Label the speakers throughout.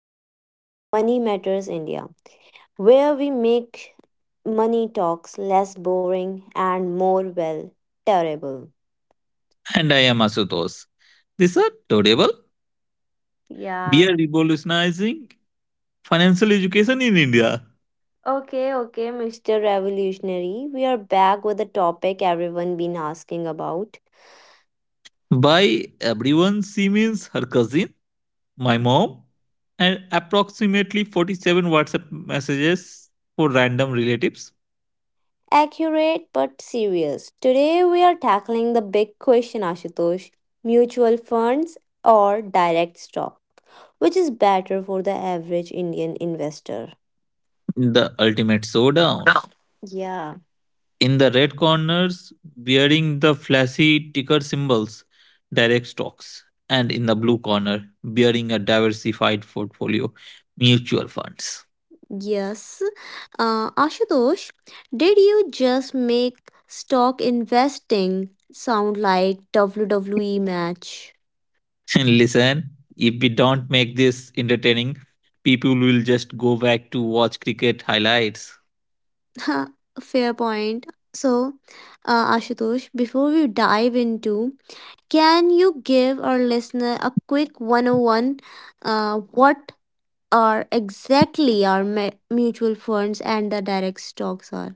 Speaker 1: back to Money Matters India, where we make money talks less boring and more well terrible.
Speaker 2: And I am Asutosh. This are Todable. We
Speaker 1: Yeah.
Speaker 2: are revolutionizing financial education in India.
Speaker 1: Okay, okay, Mr. Revolutionary, we are back with the topic everyone been asking about.
Speaker 2: By everyone, she means her cousin, my mom, and approximately 47 WhatsApp messages for random relatives.
Speaker 1: Accurate but serious. Today we are tackling the big question, Ashutosh. Mutual funds or direct stock? Which is better for the average Indian investor?
Speaker 2: The ultimate showdown.
Speaker 1: Yeah.
Speaker 2: In the red corners, wearing the flashy ticker symbols, direct stocks. And in the blue corner, wearing a diversified portfolio, mutual funds.
Speaker 1: Yes. Ashutosh, did you just make stock investing sound like WWE match?
Speaker 2: And listen, if we don't make this entertaining, people will just go back to watch cricket highlights.
Speaker 1: Fair point. So, Ashutosh, before we dive into, can you give our listener a quick 101, what are exactly our mutual funds and the direct stocks are?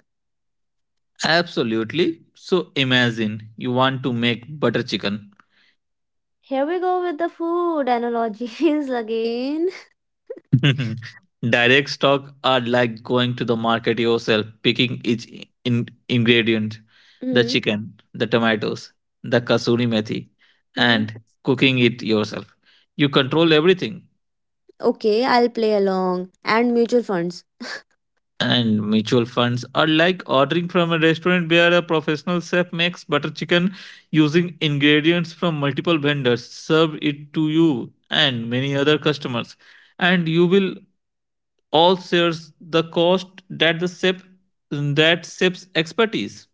Speaker 2: Absolutely. So imagine you want to make butter chicken.
Speaker 1: Here we go with the food analogies again.
Speaker 2: Direct stock are like going to the market yourself, picking each ingredient, the chicken, the tomatoes, the kasuri methi,
Speaker 1: Mhm.
Speaker 2: and cooking it yourself. You control everything.
Speaker 1: Okay, I'll play along. And mutual funds.
Speaker 2: And mutual funds are like ordering from a restaurant where a professional chef makes butter chicken using ingredients from multiple vendors, serve it to you and many other customers. And you will all share the cost that the chef that chef's expertise.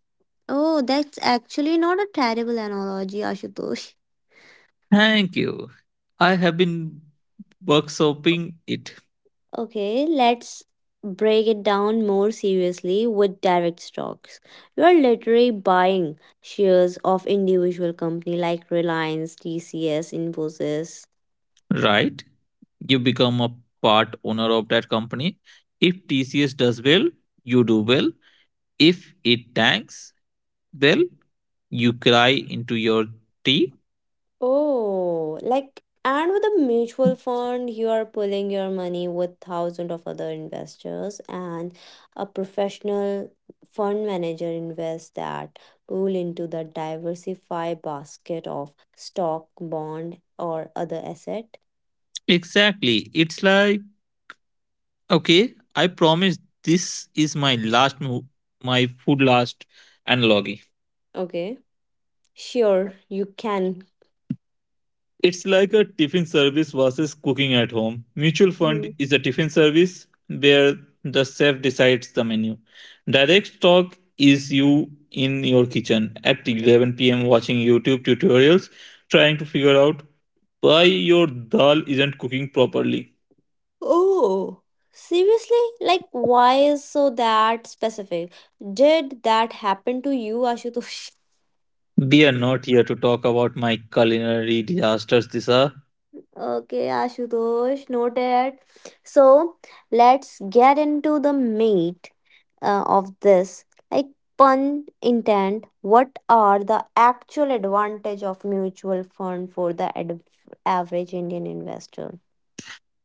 Speaker 1: Oh, that's actually not a terrible analogy, Ashutosh.
Speaker 2: Thank you. I have been workshopping it.
Speaker 1: Okay, let's break it down more seriously with direct stocks. You are literally buying shares of individual company like Reliance, TCS, Infosys.
Speaker 2: Right? You become a part owner of that company. If TCS does well, you do well. If it tanks, well, you cry into your tea.
Speaker 1: Oh, like and with a mutual fund, you are pulling your money with thousands of other investors, and a professional fund manager invests that pool into the diversified basket of stock, bond, or other asset.
Speaker 2: Exactly. It's like, okay, I promise this is my last move, my food last analogy.
Speaker 1: Okay. Sure, you can.
Speaker 2: It's like a tiffin service versus cooking at home. Mutual fund
Speaker 1: Mhm.
Speaker 2: is a tiffin service where the chef decides the menu. Direct talk is you in your kitchen at 11 p.m. watching YouTube tutorials trying to figure out why your dal isn't cooking properly.
Speaker 1: Oh, seriously? Like, why is so that specific? Did that happen to you, Ashutosh?
Speaker 2: We are not here to talk about my culinary disasters, Disha.
Speaker 1: Okay, Ashutosh, noted. So, let's get into the meat of this. Like, pun intent, what are the actual advantage of mutual fund for the average Indian investor?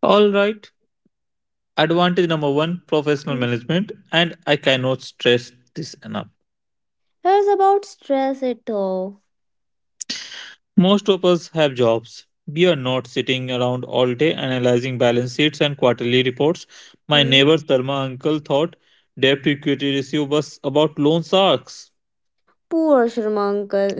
Speaker 2: All right. Advantage number one, professional
Speaker 1: Hmm.
Speaker 2: management, and I cannot stress this enough.
Speaker 1: Here's about stress it all.
Speaker 2: Most of us have jobs. We are not sitting around all day analyzing balance sheets and quarterly reports. My
Speaker 1: Hmm?
Speaker 2: neighbor Sarma uncle thought debt to equity ratio was about loan sharks.
Speaker 1: Poor Sharmankal.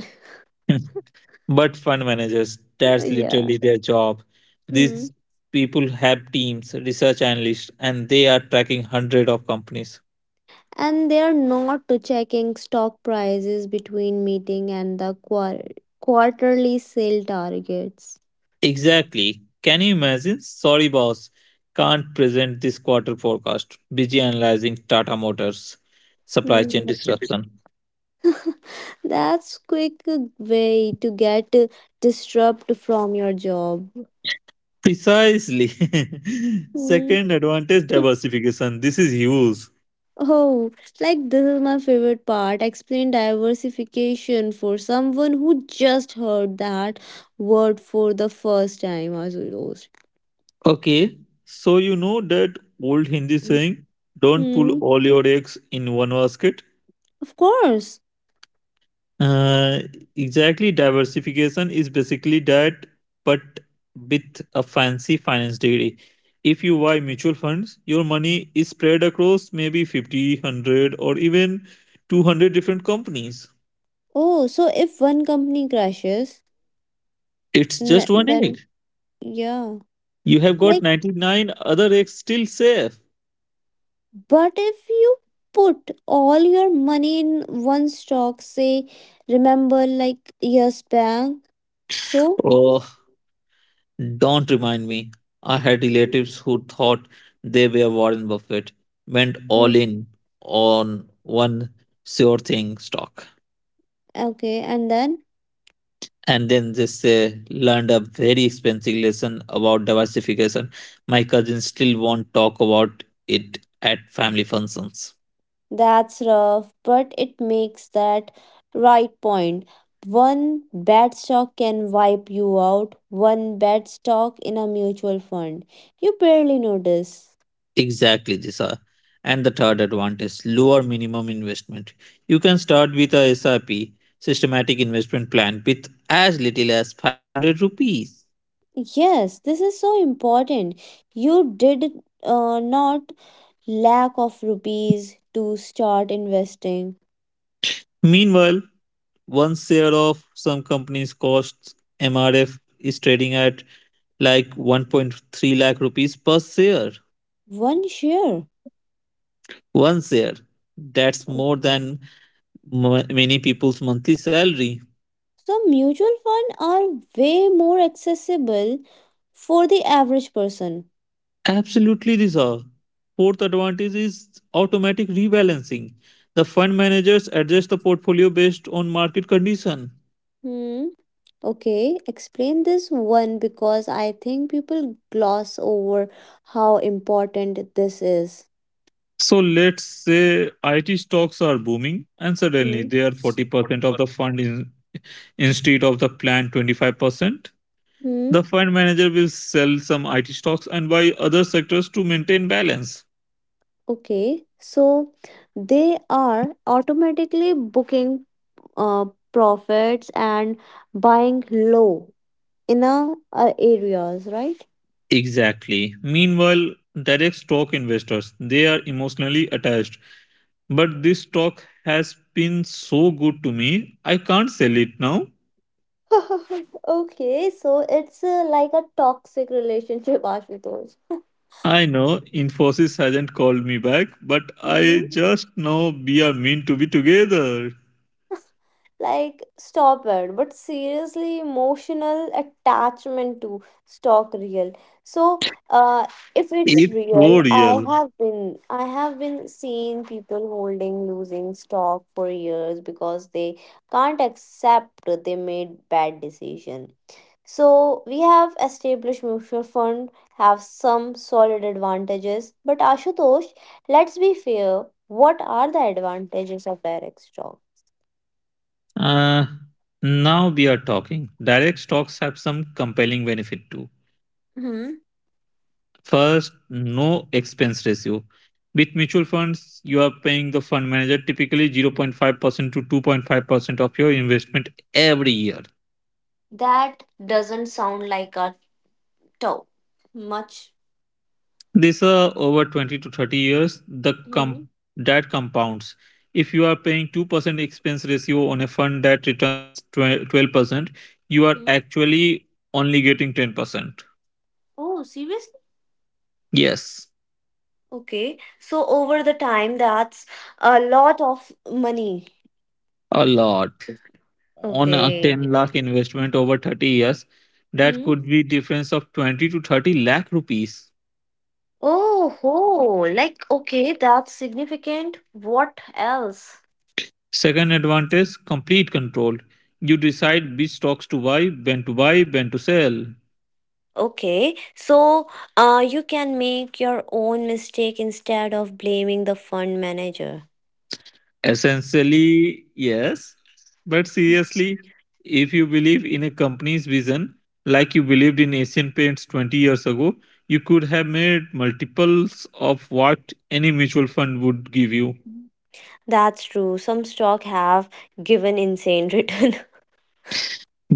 Speaker 2: But fund managers, that's
Speaker 1: yeah.
Speaker 2: literally their job. These
Speaker 1: Hmm.
Speaker 2: people have teams, research analysts, and they are tracking hundreds of companies.
Speaker 1: And they are not checking stock prices between meeting and the quarterly sale targets.
Speaker 2: Exactly. Can you imagine? Sorry, boss. Can't present this quarter forecast. Busy analyzing Tata Motors supply chain
Speaker 1: Hmm.
Speaker 2: disruption.
Speaker 1: That's quick way to get disrupt from your job.
Speaker 2: Precisely.
Speaker 1: Hmm.
Speaker 2: Second advantage, diversification. This is huge.
Speaker 1: Oh, like this is my favorite part. Explain diversification for someone who just heard that word for the first time, Azuros.
Speaker 2: Okay. So you know that old Hindi saying, don't pull all your eggs in one basket?
Speaker 1: Of course.
Speaker 2: Uh, exactly. Diversification is basically that, but with a fancy finance degree. If you buy mutual funds, your money is spread across maybe 50, 100, or even 200 different companies.
Speaker 1: Oh, so if one company crashes,
Speaker 2: It's just one egg.
Speaker 1: then yeah.
Speaker 2: You have got
Speaker 1: Like,
Speaker 2: 99 other eggs still safe.
Speaker 1: but if you put all your money in one stock, say, remember like yes bank. So,
Speaker 2: Oh, don't remind me. I had relatives who thought they were Warren Buffett, went
Speaker 1: Mm,
Speaker 2: all in on one sure thing stock.
Speaker 1: okay, and then
Speaker 2: And then they say, learned a very expensive lesson about diversification. My cousins still won't talk about it at family functions.
Speaker 1: that's rough, but it makes that right point. One bad stock can wipe you out, one bad stock in a mutual fund. You barely notice.
Speaker 2: Exactly, Disa. And the third advantage, lower minimum investment. You can start with a SRP systematic investment plan with as little as 500 rupees.
Speaker 1: Yes, this is so important. You did not lack of rupees to start investing
Speaker 2: Meanwhile, one share of some companies' costs, MRF is trading at like 1.3 lakh rupees per share.
Speaker 1: one share.
Speaker 2: One share. That's more than many people's monthly salary.
Speaker 1: So mutual funds are way more accessible for the average person.
Speaker 2: Absolutely, Rizal. Fourth advantage is automatic rebalancing. The fund managers adjust the portfolio based on market condition.
Speaker 1: Hmm. Okay, explain this one because I think people gloss over how important this is.
Speaker 2: So let's say IT stocks are booming and suddenly
Speaker 1: Hmm.
Speaker 2: they are 40% of the fund in, instead of the planned 25%.
Speaker 1: Hmm.
Speaker 2: The fund manager will sell some IT stocks and buy other sectors to maintain balance.
Speaker 1: Okay, so they are automatically booking uh, profits and buying low in a, areas, right?
Speaker 2: Exactly. Meanwhile, direct stock investors, they are emotionally attached. But this stock has been so good to me, I can't sell it now.
Speaker 1: okay, so it's like a toxic relationship, Ashutosh.
Speaker 2: I know Infosys hasn't called me back, but I
Speaker 1: Mm-hmm.
Speaker 2: just know we are meant to be together.
Speaker 1: Like, stop it. But seriously, emotional attachment to stock real. So, uh, if it's
Speaker 2: It's so
Speaker 1: real,
Speaker 2: real.
Speaker 1: I have been seeing people holding losing stock for years because they can't accept they made bad decision. So we have established mutual fund have some solid advantages, but Ashutosh, let's be fair. What are the advantages of direct stock?
Speaker 2: Uh, Now we are talking. Direct stocks have some compelling benefit too. First, no expense ratio. With mutual funds, you are paying the fund manager typically 0.5% to 2.5% of your investment every year.
Speaker 1: That doesn't sound like a tow much.
Speaker 2: This over 20 to 30 years, the
Speaker 1: Mhm,
Speaker 2: that compounds. If you are paying 2% expense ratio on a fund that returns 12%, you are
Speaker 1: mhm.
Speaker 2: actually only getting 10%.
Speaker 1: Oh, seriously?
Speaker 2: Yes,
Speaker 1: Okay. So over the time, that's a lot of money.
Speaker 2: a lot. On a
Speaker 1: Okay.
Speaker 2: 10 lakh investment over 30 years that
Speaker 1: Hmm.
Speaker 2: could be difference of 20 to 30 lakh rupees.
Speaker 1: Oh, ho. Like, okay, that's significant. What else?
Speaker 2: Second advantage, complete control. You decide which stocks to buy, when to buy, when to sell.
Speaker 1: Okay, so you can make your own mistake instead of blaming the fund manager.
Speaker 2: Essentially yes, but seriously, if you believe in a company's vision, like you believed in asian paints 20 years ago, you could have made multiples of what any mutual fund would give you.
Speaker 1: That's true. Some stock have given insane return.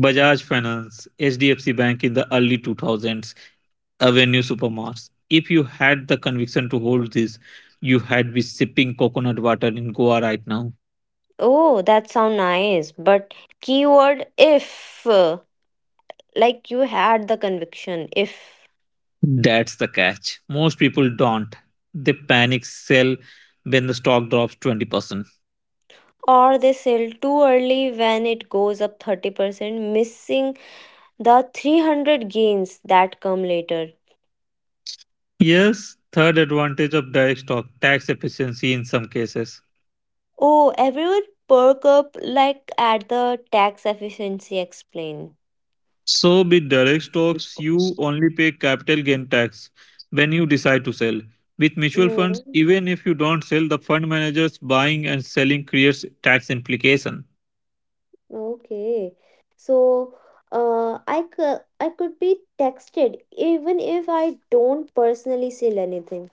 Speaker 2: Bajaj Finance, HDFC Bank in the early 2000s, Avenue Supermarts. If you had the conviction to hold this, you had been sipping coconut water in Goa right now.
Speaker 1: Oh, that sound nice. But keyword if, like you had the conviction, if.
Speaker 2: That's the catch. Most people don't. They panic sell when the stock drops 20%.
Speaker 1: Or they sell too early when it goes up 30%, missing the 300 gains that come later.
Speaker 2: Yes, third advantage of direct stock, tax efficiency in some cases.
Speaker 1: Oh, everyone perk up like at the tax efficiency explain.
Speaker 2: So with direct stocks, you only pay capital gain tax when you decide to sell. With mutual funds,
Speaker 1: Mm,
Speaker 2: even if you don't sell, the fund managers buying and selling creates tax implication.
Speaker 1: okay. So, I, I could be texted even if I don't personally sell anything.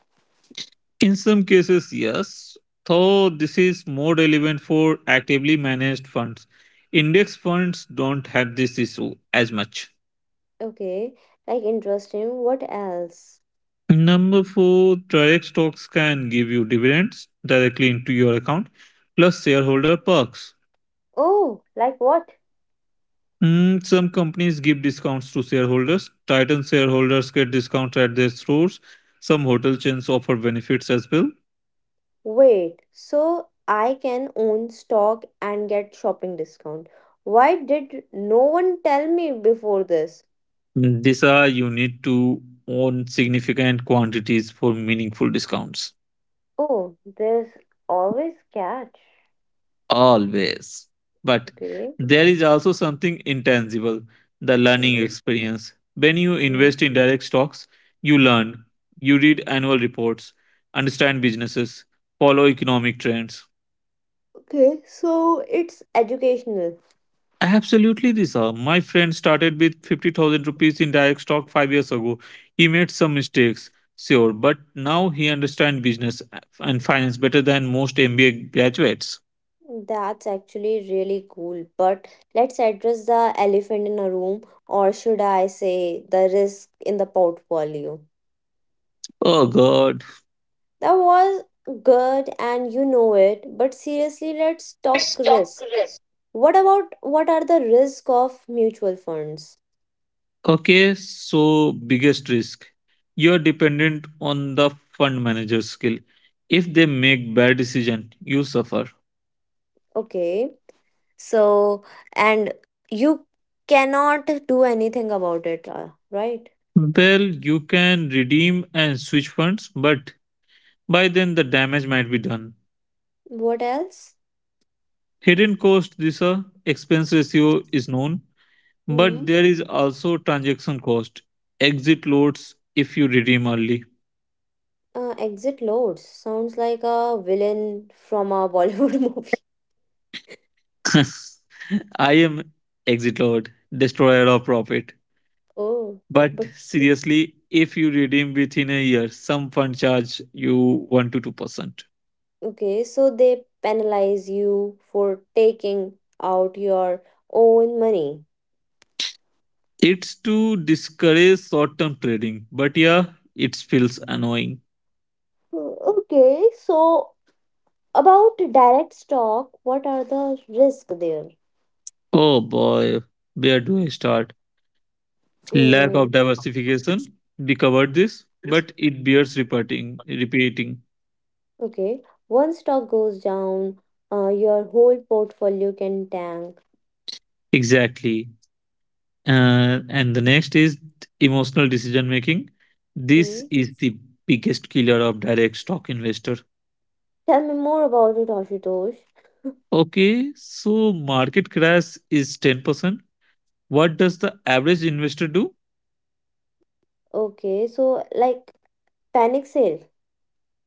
Speaker 2: In some cases, yes, though this is more relevant for actively managed funds. Index funds don't have this issue as much.
Speaker 1: Okay, like interesting. What else?
Speaker 2: Number four, direct stocks can give you dividends directly into your account, plus shareholder perks.
Speaker 1: Oh, like what?
Speaker 2: Mm, some companies give discounts to shareholders. Titan shareholders get discounts at their stores. Some hotel chains offer benefits as well.
Speaker 1: Wait, so I can own stock and get shopping discount. Why did no one tell me before this?
Speaker 2: Mm, these are you need to own significant quantities for meaningful discounts.
Speaker 1: Oh, there's always catch.
Speaker 2: Always. But
Speaker 1: Okay.
Speaker 2: there is also something intangible, the learning
Speaker 1: Mhm.
Speaker 2: experience. When you
Speaker 1: Mhm.
Speaker 2: invest in direct stocks, you learn, you read annual reports, understand businesses, follow economic trends.
Speaker 1: Okay, so it's educational.
Speaker 2: Absolutely, Disha. My friend started with 50,000 rupees in direct stock 5 years ago. He made some mistakes, sure, but now he understands business and finance better than most MBA graduates.
Speaker 1: That's actually really cool. But let's address the elephant in a room, or should I say the risk in the portfolio?
Speaker 2: Oh, God.
Speaker 1: That was good and you know it, but seriously, let's talk
Speaker 2: Stock
Speaker 1: risk.
Speaker 2: risk.
Speaker 1: What about what are the risk of mutual funds?
Speaker 2: Okay, so biggest risk. You're dependent on the fund manager's skill. If they make bad decision, you suffer.
Speaker 1: Okay. So, and you cannot do anything about it, right?
Speaker 2: Well, you can redeem and switch funds, but by then the damage might be done.
Speaker 1: What else?
Speaker 2: Hidden cost. This expense ratio is known,
Speaker 1: Hmm.
Speaker 2: but there is also transaction cost. Exit loads if you redeem early.
Speaker 1: Exit loads sounds like a villain from a Bollywood movie.
Speaker 2: I am exit load, destroyer of profit.
Speaker 1: Oh,
Speaker 2: But
Speaker 1: but
Speaker 2: seriously, if you redeem within a year, some fund charge you 1 to 2%.
Speaker 1: okay, so they penalize you for taking out your own money.
Speaker 2: It's to discourage short term trading, but yeah, it feels annoying.
Speaker 1: Okay, so about direct stock, what are the risks there?
Speaker 2: Oh boy, where do I start? Lack
Speaker 1: Mm,
Speaker 2: of diversification. We covered this, but it bears repeating.
Speaker 1: okay, one stock goes down, your whole portfolio can tank.
Speaker 2: Exactly. And the next is emotional decision making. This
Speaker 1: Hmm.
Speaker 2: is the biggest killer of direct stock investor.
Speaker 1: Tell me more about it, Ashutosh.
Speaker 2: Okay, so market crash is 10%. What does the average investor do?
Speaker 1: Okay, so like panic sale.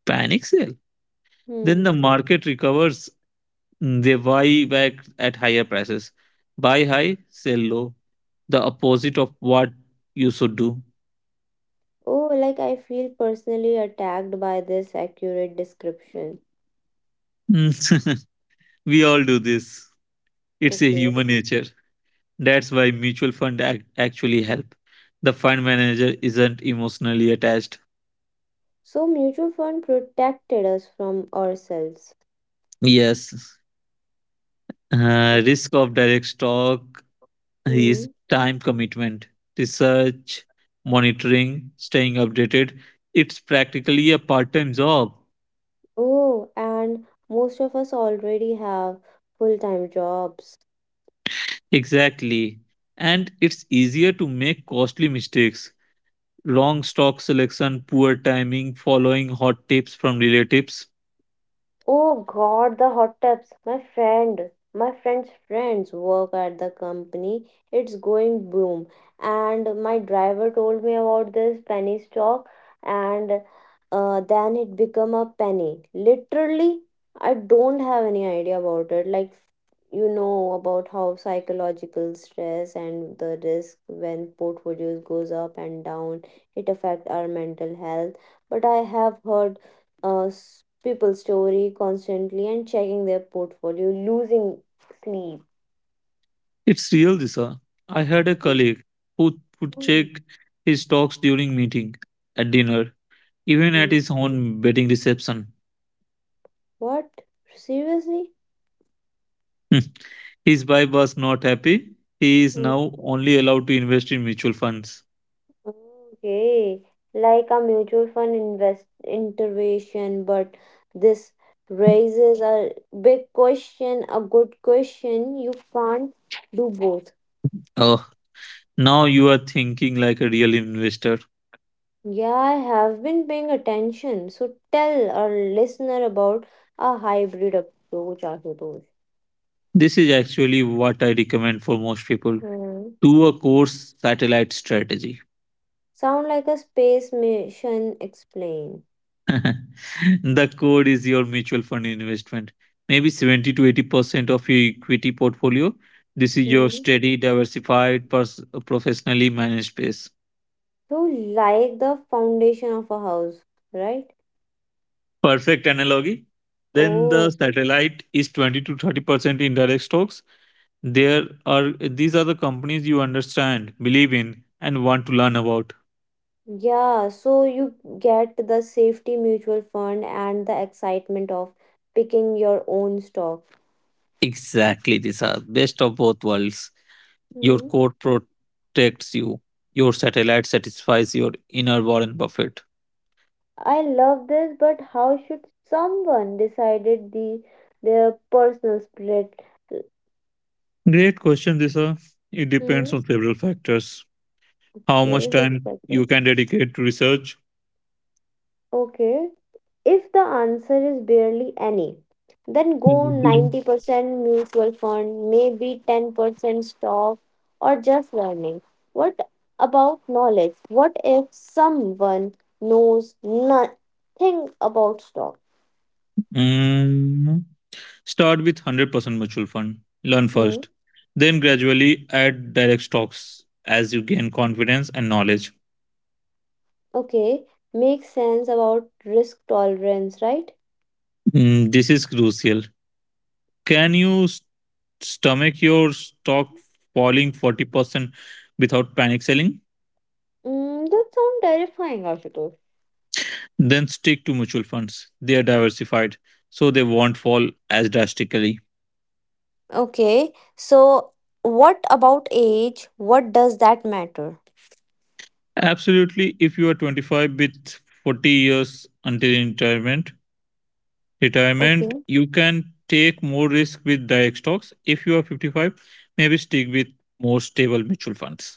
Speaker 2: Panic sell. Then the
Speaker 1: Hmm.
Speaker 2: market recovers. They buy back at higher prices. Buy high, sell low. The opposite of what you should do.
Speaker 1: Oh, like I feel personally attacked by this accurate description.
Speaker 2: Mm. We all do this. It's a
Speaker 1: Okay,
Speaker 2: human nature. That's why mutual fund actually help. The fund manager isn't emotionally attached.
Speaker 1: so mutual fund protected us from ourselves.
Speaker 2: Yes. Risk of direct stock is
Speaker 1: Okay.
Speaker 2: time commitment, research, monitoring, staying updated. It's practically a part-time job.
Speaker 1: Oh, and most of us already have full-time jobs.
Speaker 2: Exactly. And it's easier to make costly mistakes. Wrong stock selection, poor timing, following hot tips from relatives.
Speaker 1: Oh god, the hot tubs. My friend's friends work at the company. It's going boom. And my driver told me about this penny stock and then it become a penny. Literally, I don't have any idea about it. Like you know about how psychological stress and the risk when portfolios goes up and down, it affect our mental health. But I have heard uh, people's story constantly and checking their portfolio, losing sleep.
Speaker 2: It's real, Disha. I had a
Speaker 1: Mm,
Speaker 2: colleague who would check
Speaker 1: mm,
Speaker 2: his stocks during meeting, at dinner, even at
Speaker 1: mm.
Speaker 2: his own wedding reception.
Speaker 1: What? Seriously?
Speaker 2: Hmm. His wife was not happy. He is
Speaker 1: Mm.
Speaker 2: now only allowed to invest in mutual funds.
Speaker 1: Okay. Like a mutual fund invest intervention, but this raises a big question, a good question. You can't do both.
Speaker 2: Oh, now you are thinking like a real investor.
Speaker 1: Yeah, I have been paying attention. So tell our listener about a hybrid approach, Ashutosh.
Speaker 2: This is actually what I recommend for most people. Do a course satellite strategy.
Speaker 1: Sound like a space mission explain.
Speaker 2: The core is your mutual fund investment, maybe 70 to 80% of your equity portfolio. This is your
Speaker 1: Hmm.
Speaker 2: steady, diversified, professionally managed space.
Speaker 1: So like the foundation of a house, right?
Speaker 2: Perfect analogy. Then the
Speaker 1: Oh,
Speaker 2: satellite is 20 to 30% indirect stocks. There are these are the companies you understand, believe in, and want to learn about.
Speaker 1: yeah. So you get the safety mutual fund and the excitement of picking your own stock.
Speaker 2: Exactly, these are best of both worlds. Your
Speaker 1: Hmm.
Speaker 2: core protects you. Your satellite satisfies your inner Warren Buffett.
Speaker 1: I love this, but how should someone decided the their personal split?
Speaker 2: Great question, Disha. It depends
Speaker 1: Hmm.
Speaker 2: on several factors. How much
Speaker 1: Okay, good
Speaker 2: time you
Speaker 1: question.
Speaker 2: can dedicate to research?
Speaker 1: Okay, if the answer is barely any, then go 90% mutual fund, maybe 10% stock, or just learning. What about knowledge? What if someone knows nothing about stock?
Speaker 2: Mm, start with 100% mutual fund. Learn
Speaker 1: Hmm.
Speaker 2: first. Then gradually add direct stocks as you gain confidence and knowledge.
Speaker 1: Okay. Makes sense about risk tolerance, right?
Speaker 2: Mm, this is crucial. Can you stomach your stock falling 40% without panic selling?
Speaker 1: Mm, that sounds terrifying, Ashutosh.
Speaker 2: Then stick to mutual funds. They are diversified, so they won't fall as drastically.
Speaker 1: Okay. So, what about age? What does that matter?
Speaker 2: Absolutely. If you are 25 with 40 years until retirement,
Speaker 1: Okay.
Speaker 2: you can take more risk with direct stocks. If you are 55, maybe stick with more stable mutual funds.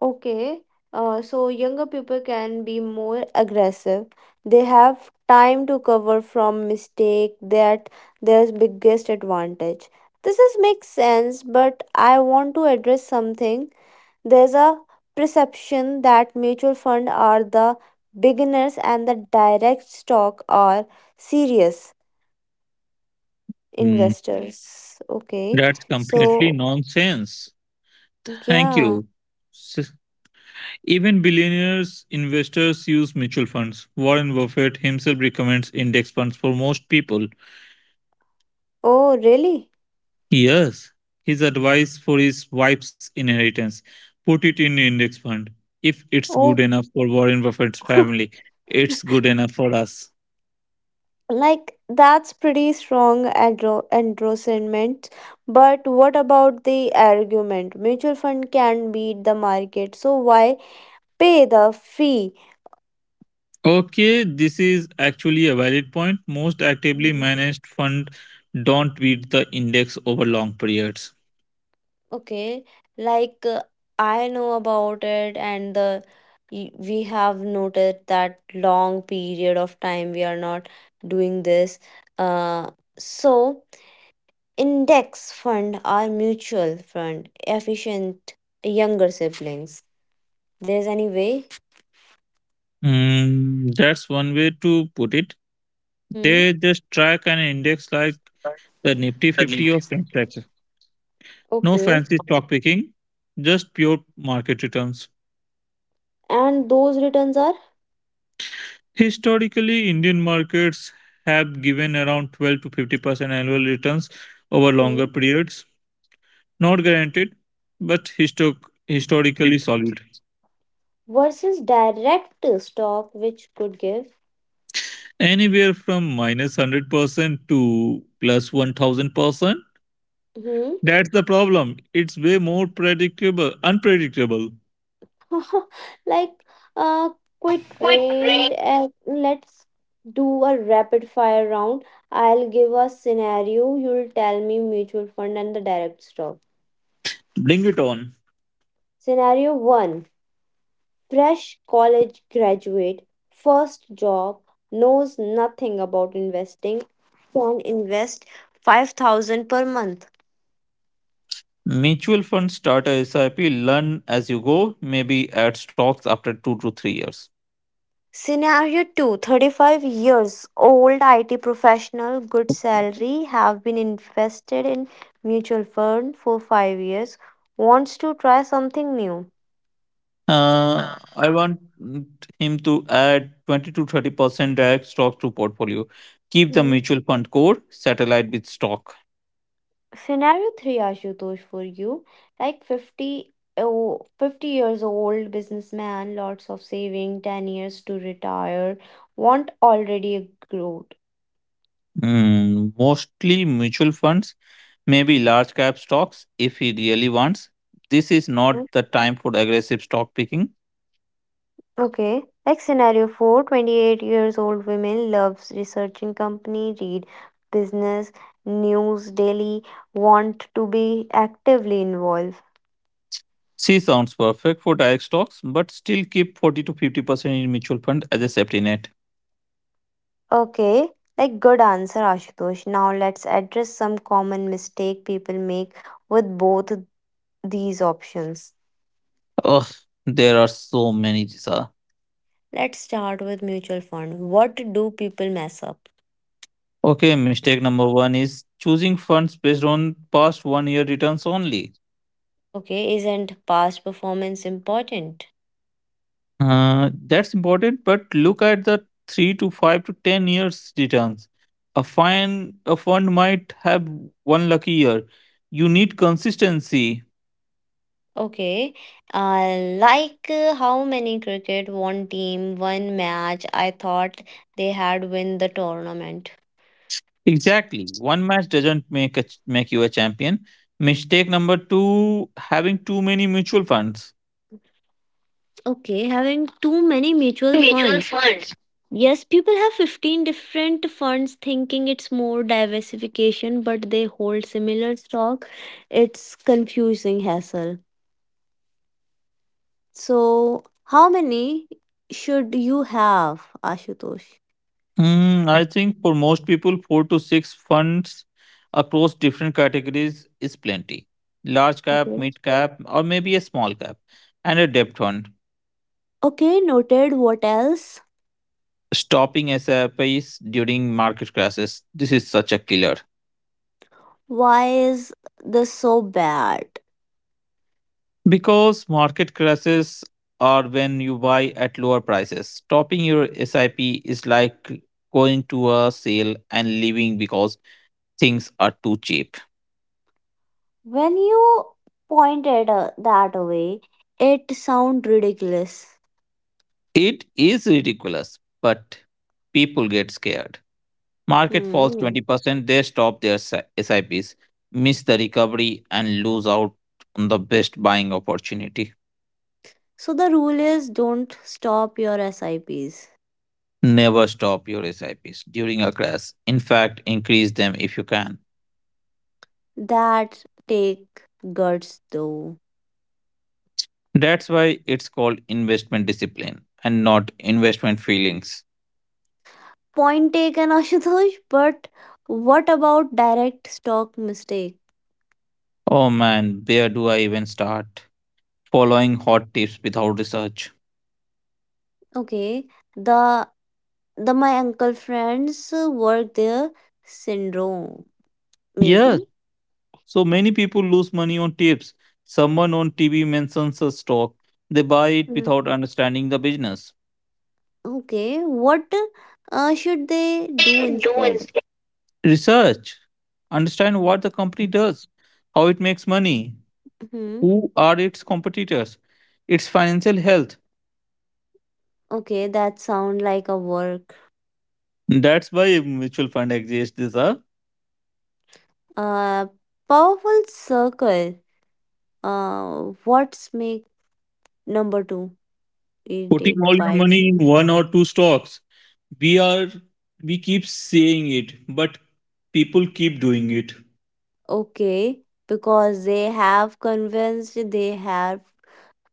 Speaker 1: Okay, so younger people can be more aggressive. They have time to cover from mistake that their biggest advantage. This is makes sense, but I want to address something. There's a perception that mutual fund are the beginners and the direct stock are serious
Speaker 2: Mm.
Speaker 1: investors. Okay,
Speaker 2: That's completely
Speaker 1: so
Speaker 2: nonsense. Thank
Speaker 1: yeah.
Speaker 2: you. S- Even billionaires investors use mutual funds. Warren Buffett himself recommends index funds for most people.
Speaker 1: Oh, really?
Speaker 2: Yes, his advice for his wife's inheritance, put it in index fund. If it's good
Speaker 1: Oh,
Speaker 2: enough for Warren Buffett's family, it's good enough for us.
Speaker 1: like that's pretty strong endorsement. But what about the argument? Mutual fund can beat the market, so why pay the fee?
Speaker 2: Okay, this is actually a valid point. Most actively
Speaker 1: Mm,
Speaker 2: managed fund don't beat the index over long periods.
Speaker 1: okay, like I know about it, and the we have noted that long period of time we are not doing this. Uh, so index fund or mutual fund efficient younger siblings. There's any way
Speaker 2: Mm, that's one way to put it.
Speaker 1: Hmm.
Speaker 2: They just track an index like the Nifty 50 or French tax. No
Speaker 1: Okay.
Speaker 2: fancy stock picking, just pure market returns.
Speaker 1: And those returns are
Speaker 2: Historically, Indian markets have given around 12 to 50% annual returns over
Speaker 1: hmm,
Speaker 2: longer periods. Not guaranteed, but historically solid.
Speaker 1: versus direct stock, which could give
Speaker 2: Anywhere from 100% to 1000%.
Speaker 1: hmm,
Speaker 2: That's the problem. It's way more predictable, unpredictable.
Speaker 1: like uh quit range. And let's do a rapid fire round. I'll give a scenario. You'll tell me mutual fund and the direct stock.
Speaker 2: Bring it on.
Speaker 1: Scenario one: fresh college graduate, first job, knows nothing about investing, can invest 5,000 per month.
Speaker 2: Mutual funds, start as SIP, learn as you go, maybe add stocks after 2 to 3 years.
Speaker 1: Scenario 2: 35 years old IT professional, good salary, have been invested in mutual fund for 5 years, wants to try something new.
Speaker 2: I want him to add 20 to 30% direct stock to portfolio. Keep the
Speaker 1: Hmm.
Speaker 2: mutual fund core, satellite with stock.
Speaker 1: Scenario 3 Ashutosh for you like 50 oh 50 years old businessman, lots of saving, 10 years to retire, want already a growth.
Speaker 2: Mostly mutual funds, maybe large cap stocks if he really wants. This is not the time for aggressive stock picking.
Speaker 1: Okay. Like scenario four, 28 years old women loves researching company, read business, news daily, want to be actively involved.
Speaker 2: C sounds perfect for direct stocks, but still keep 40 to 50% in mutual fund as a safety net.
Speaker 1: Okay. Like good answer, Ashutosh. Now let's address some common mistake people make with both these options.
Speaker 2: Oh, there are so many, Jisa.
Speaker 1: Let's start with mutual fund. What do people mess up?
Speaker 2: Okay, mistake number one is choosing funds based on past one year returns only.
Speaker 1: Okay, isn't past performance important?
Speaker 2: That's important, but look at the 3 to 5 to 10 years returns. A fund might have one lucky year. You need consistency.
Speaker 1: Okay. Like how many cricket, one team, one match. I thought they had win the tournament.
Speaker 2: Exactly, one match doesn't make make you a champion. Mistake number two: having too many mutual funds.
Speaker 1: Okay, having too many mutual
Speaker 2: Mutual
Speaker 1: funds.
Speaker 2: funds.
Speaker 1: Yes, people have 15 different funds thinking it's more diversification, but they hold similar stock. It's confusing hassle. So, how many should you have, Ashutosh?
Speaker 2: I think for most people, four to six funds across different categories is plenty. Large cap,
Speaker 1: Okay.
Speaker 2: mid cap, or maybe a small cap, and a debt fund.
Speaker 1: Okay, noted. What else?
Speaker 2: Stopping SIPs during market crashes — this is such a killer.
Speaker 1: Why is this so bad?
Speaker 2: Because market crashes are when you buy at lower prices. Stopping your SIP is like going to a sale and leaving because things are too cheap.
Speaker 1: When you pointed that way, it sound ridiculous.
Speaker 2: It is ridiculous, but people get scared. Market falls
Speaker 1: Hmm,
Speaker 2: 20%, they stop their SIPs, miss the recovery, and lose out on the best buying opportunity.
Speaker 1: so the rule is don't stop your SIPs.
Speaker 2: Never stop your SIPs during a crash. In fact, increase them if you can.
Speaker 1: That take guts though.
Speaker 2: That's why it's called investment discipline and not investment feelings.
Speaker 1: Point taken Ashutosh, but what about direct stock mistake?
Speaker 2: Oh man, where do I even start? Following hot tips without research.
Speaker 1: Okay, the the my uncle friends work their syndrome
Speaker 2: Yes,
Speaker 1: maybe.
Speaker 2: so many people lose money on tips. Someone on TV mentions a stock, they buy it without understanding the business.
Speaker 1: Okay, what should they do
Speaker 2: Do
Speaker 1: instead?
Speaker 2: instead? Research. Understand what the company does, how it makes money,
Speaker 1: Hmm.
Speaker 2: who are its competitors, its financial health.
Speaker 1: Okay, that sound like a work.
Speaker 2: That's why mutual fund exists. These are
Speaker 1: Uh, powerful circle. What's make number two
Speaker 2: Putting all
Speaker 1: irritated
Speaker 2: your
Speaker 1: by
Speaker 2: money in
Speaker 1: you?
Speaker 2: one or two stocks. We are we keep saying it, but people keep doing it.
Speaker 1: Okay, because they have convinced they have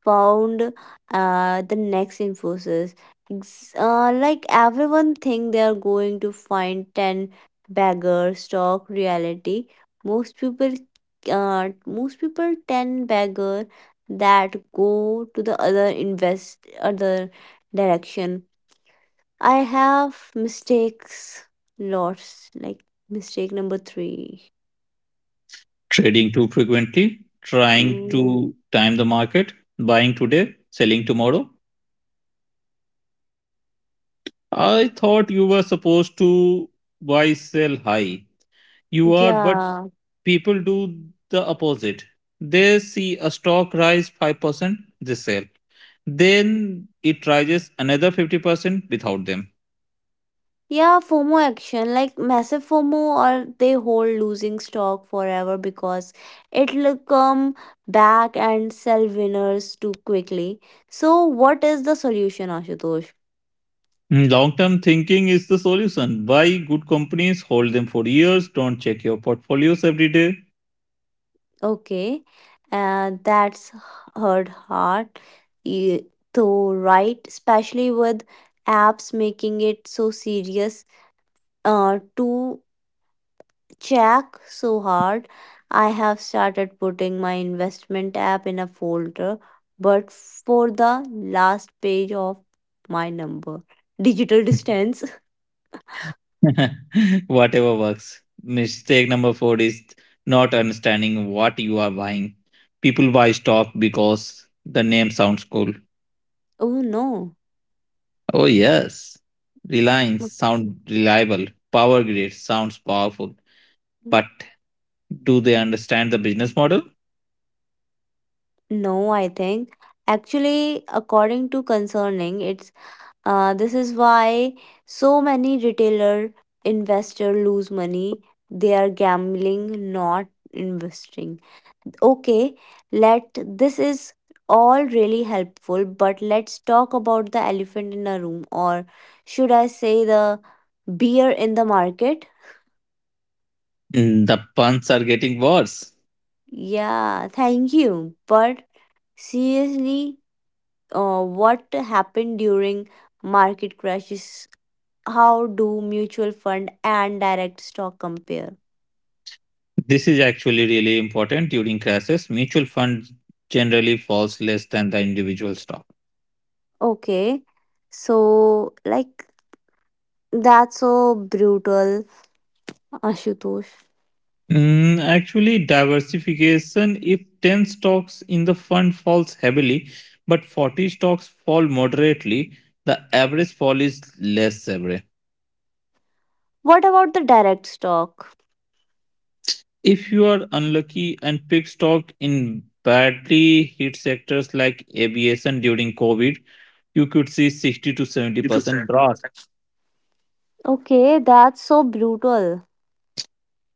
Speaker 1: found the next Infosys. Like everyone think they are going to find 10 bagger stock reality. Most people uh, most people 10 bagger that go to the other invest other direction. I have mistakes lots like mistake number three.
Speaker 2: Trading too frequently, trying to
Speaker 1: Mm,
Speaker 2: time the market, buying today, selling tomorrow. I thought you were supposed to buy sell high. You are, but
Speaker 1: yeah.
Speaker 2: people do the opposite. They see a stock rise 5%, they sell. Then it rises another 50% without them.
Speaker 1: Yeah, FOMO action, like massive FOMO, or they hold losing stock forever because it'll come back and sell winners too quickly. So, what is the solution, Ashutosh?
Speaker 2: Long term thinking is the solution. Buy good companies, hold them for years, don't check your portfolios every day.
Speaker 1: Okay, and that's hurt hard eh, to write, especially with apps making it so serious to Check so hard. I have started putting my investment app in a folder, but for the last page of my number, digital distance.
Speaker 2: Whatever works. Mistake number four is not understanding what you are buying. People buy stock because the name sounds cool.
Speaker 1: Oh no.
Speaker 2: Oh, yes. Reliance sound reliable. Power grid sounds powerful.
Speaker 1: Mm.
Speaker 2: But do they understand the business model?
Speaker 1: No, I think. Actually, according to concerning, it's this is why so many retailer investor lose money. They are gambling, not investing. Okay, let this is all really helpful, but let's talk about the elephant in the room, or should I say the beer in the market?
Speaker 2: The puns are getting worse.
Speaker 1: Yeah, thank you, but seriously, what happened during market crashes? How do mutual fund and direct stock compare?
Speaker 2: This is actually really important during crashes. Mutual funds generally falls less than the individual stock.
Speaker 1: Okay, so like, that's so brutal, Ashutosh.
Speaker 2: Actually, diversification: if 10 stocks in the fund falls heavily, but 40 stocks fall moderately, the average fall is less severe.
Speaker 1: What about the direct stock?
Speaker 2: If you are unlucky and pick stock in badly hit sectors like aviation during COVID, you could see 60 to 70% drop.
Speaker 1: Okay, that's so brutal.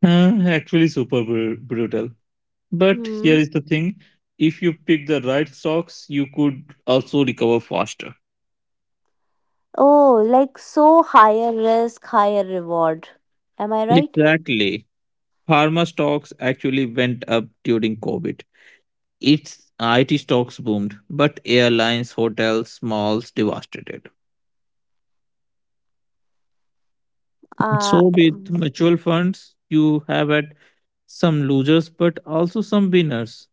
Speaker 2: Huh, actually, super brutal. But here
Speaker 1: Hmm.
Speaker 2: is the thing: if you pick the right stocks, you could also recover faster.
Speaker 1: Oh, like, so higher risk, higher reward. Am I right?
Speaker 2: Exactly. Pharma stocks actually went up during COVID. Its IT stocks boomed, but airlines, hotels, malls devastated.
Speaker 1: Uh,
Speaker 2: So with mutual funds, you have at some losers but also some winners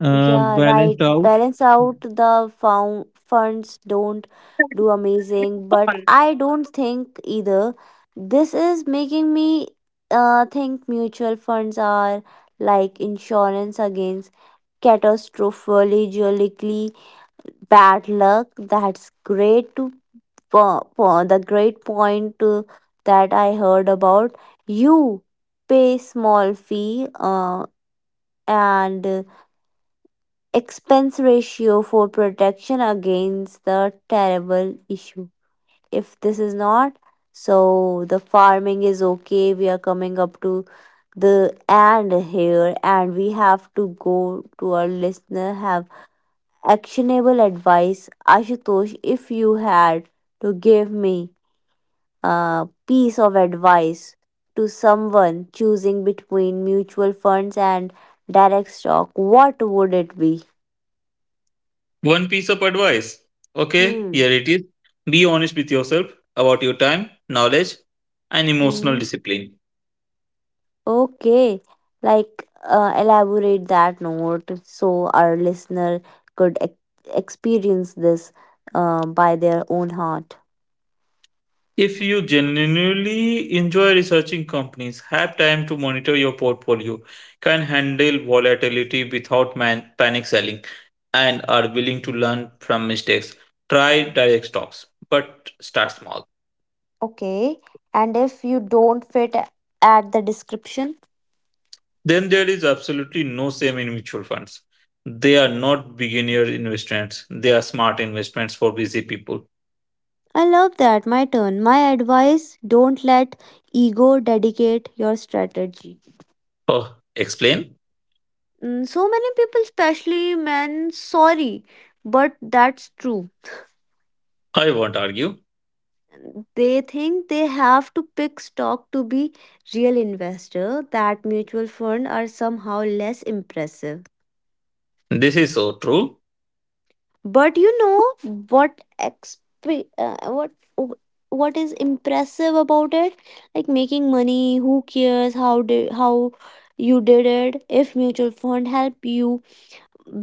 Speaker 1: yeah, right.
Speaker 2: balanced out.
Speaker 1: Balance out, the found funds don't do amazing, but I don't think either. This is making me think mutual funds are like insurance against catastrophically bad luck. That's great to for the great point that I heard about. You pay small fee and expense ratio for protection against the terrible issue. If this is not so the farming is okay, we are coming up to the end here, and we have to go to our listener have actionable advice. Ashutosh, if you had to give me piece of advice to someone choosing between mutual funds and direct stock, what would it be?
Speaker 2: One piece of advice. Okay, here it
Speaker 1: Hmm.
Speaker 2: is. Be honest with yourself about your time, knowledge, and emotional
Speaker 1: Hmm.
Speaker 2: discipline.
Speaker 1: Okay. Like, elaborate that note so our listener could experience this by their own heart.
Speaker 2: If you genuinely enjoy researching companies, have time to monitor your portfolio, can handle volatility without panic selling, and are willing to learn from mistakes, try direct stocks, but start
Speaker 1: O-
Speaker 2: small.
Speaker 1: Okay. And if you don't fit at the description.
Speaker 2: Then there is absolutely no shame in mutual funds. They are not beginner investments, they are smart investments for busy people.
Speaker 1: I love that. My turn. My advice, don't let ego dedicate your strategy.
Speaker 2: Oh, explain?
Speaker 1: Mm, so many people, especially men, sorry, but that's true.
Speaker 2: I won't argue.
Speaker 1: They think they have to pick stock to be real investor. That mutual fund are somehow less impressive.
Speaker 2: This is so true.
Speaker 1: But you know what? What? What is impressive about it? Like, making money. Who cares how you did it? If mutual fund help you,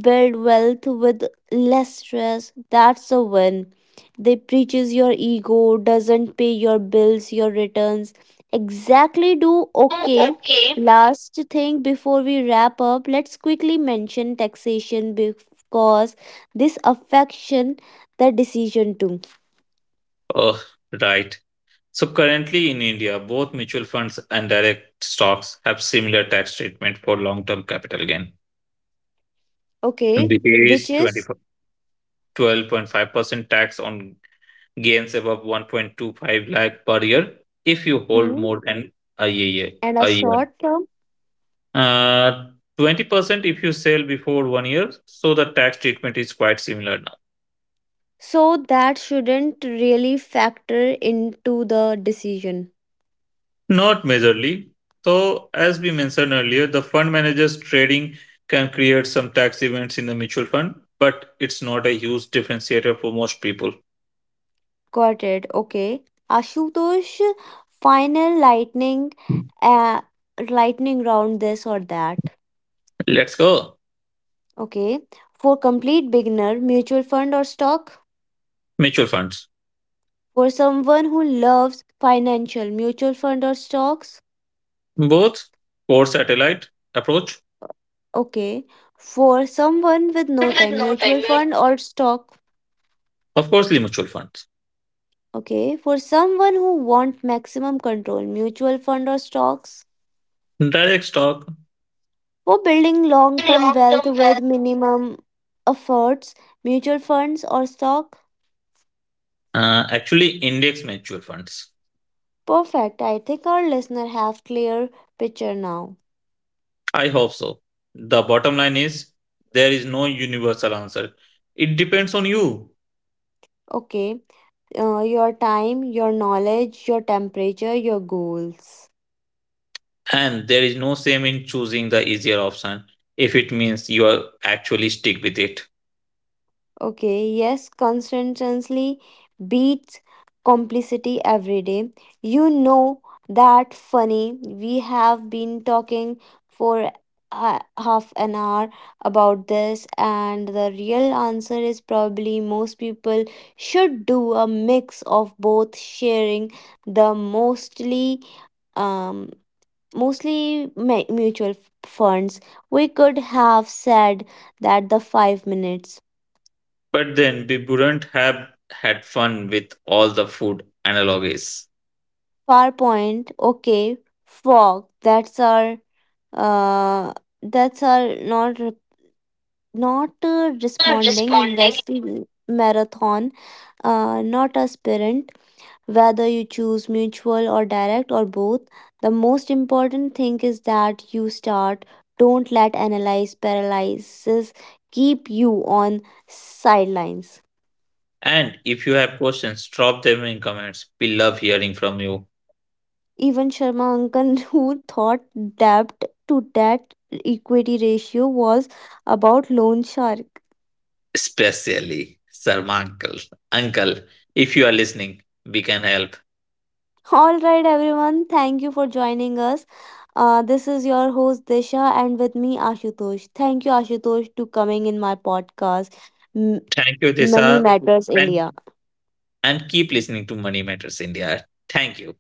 Speaker 1: build wealth with less stress, that's a win. They preaches your ego doesn't pay your bills, your returns exactly do.
Speaker 2: Oh,
Speaker 1: Okay,
Speaker 2: okay.
Speaker 1: last thing before we wrap up, let's quickly mention taxation because this affection the decision too.
Speaker 2: Oh, right. So currently in India, both mutual funds and direct stocks have similar tax treatment for long-term capital gain.
Speaker 1: Okay,
Speaker 2: It
Speaker 1: which
Speaker 2: is twenty
Speaker 1: is,
Speaker 2: five, 12.5% tax on gains above 1.25 lakh per year if you hold
Speaker 1: hmm,
Speaker 2: more than a year.
Speaker 1: and a
Speaker 2: A year.
Speaker 1: short term,
Speaker 2: Uh, 20% if you sell before one year. So the tax treatment is quite similar now.
Speaker 1: so that shouldn't really factor into the decision.
Speaker 2: Not majorly. So, as we mentioned earlier, the fund managers trading can create some tax events in the mutual fund, but it's not a huge differentiator for most people.
Speaker 1: Got it. Okay. Ashutosh, final lightning, uh, lightning round, this or that.
Speaker 2: Let's go.
Speaker 1: Okay. For complete beginner, mutual fund or stock?
Speaker 2: Mutual funds.
Speaker 1: For someone who loves financial, mutual fund or stocks?
Speaker 2: Both core satellite approach.
Speaker 1: Okay. For someone with no
Speaker 2: With
Speaker 1: time,
Speaker 2: no time
Speaker 1: mutual
Speaker 2: limit.
Speaker 1: fund or stock?
Speaker 2: Of course, the mutual funds.
Speaker 1: Okay. For someone who want maximum control, mutual fund or stocks?
Speaker 2: Direct stock.
Speaker 1: For building long term
Speaker 2: Long
Speaker 1: wealth
Speaker 2: term wealth.
Speaker 1: with minimum efforts, mutual funds or stock?
Speaker 2: Actually, index mutual funds.
Speaker 1: Perfect. I think our listener have clear picture now.
Speaker 2: I hope so. The bottom line is there is no universal answer. It depends on you.
Speaker 1: Okay. Your time, your knowledge, your temperature, your goals.
Speaker 2: And there is no shame in choosing the easier option if it means you are actually stick with it.
Speaker 1: Okay, yes, consistency beats complicity every day. You know that funny. We have been talking for half an hour about this, and the real answer is probably most people should do a mix of both, sharing the mostly um mutual funds. We could have said that the 5 minutes
Speaker 2: But then we wouldn't have had fun with all the food analogies.
Speaker 1: PowerPoint, okay, fog. Uh, that's our not re- not
Speaker 2: I'm
Speaker 1: responding
Speaker 2: responding.
Speaker 1: investing marathon. Not a sprint. Whether you choose mutual or direct or both, the most important thing is that you start. Don't let analyze paralysis keep you on sidelines.
Speaker 2: And if you have questions, drop them in comments. We love hearing from you,
Speaker 1: Even Sharma uncle who thought debt debt equity ratio was about loan shark.
Speaker 2: especially Sarma Uncle. Uncle, if you are listening, we can help.
Speaker 1: All right, everyone. Thank you for joining us. This is your host Disha, and with me Ashutosh. Thank you Ashutosh to coming in my podcast. M-
Speaker 2: Thank you,
Speaker 1: Money
Speaker 2: Desa.
Speaker 1: Matters
Speaker 2: And,
Speaker 1: India.
Speaker 2: and keep listening to Money Matters India. Thank you.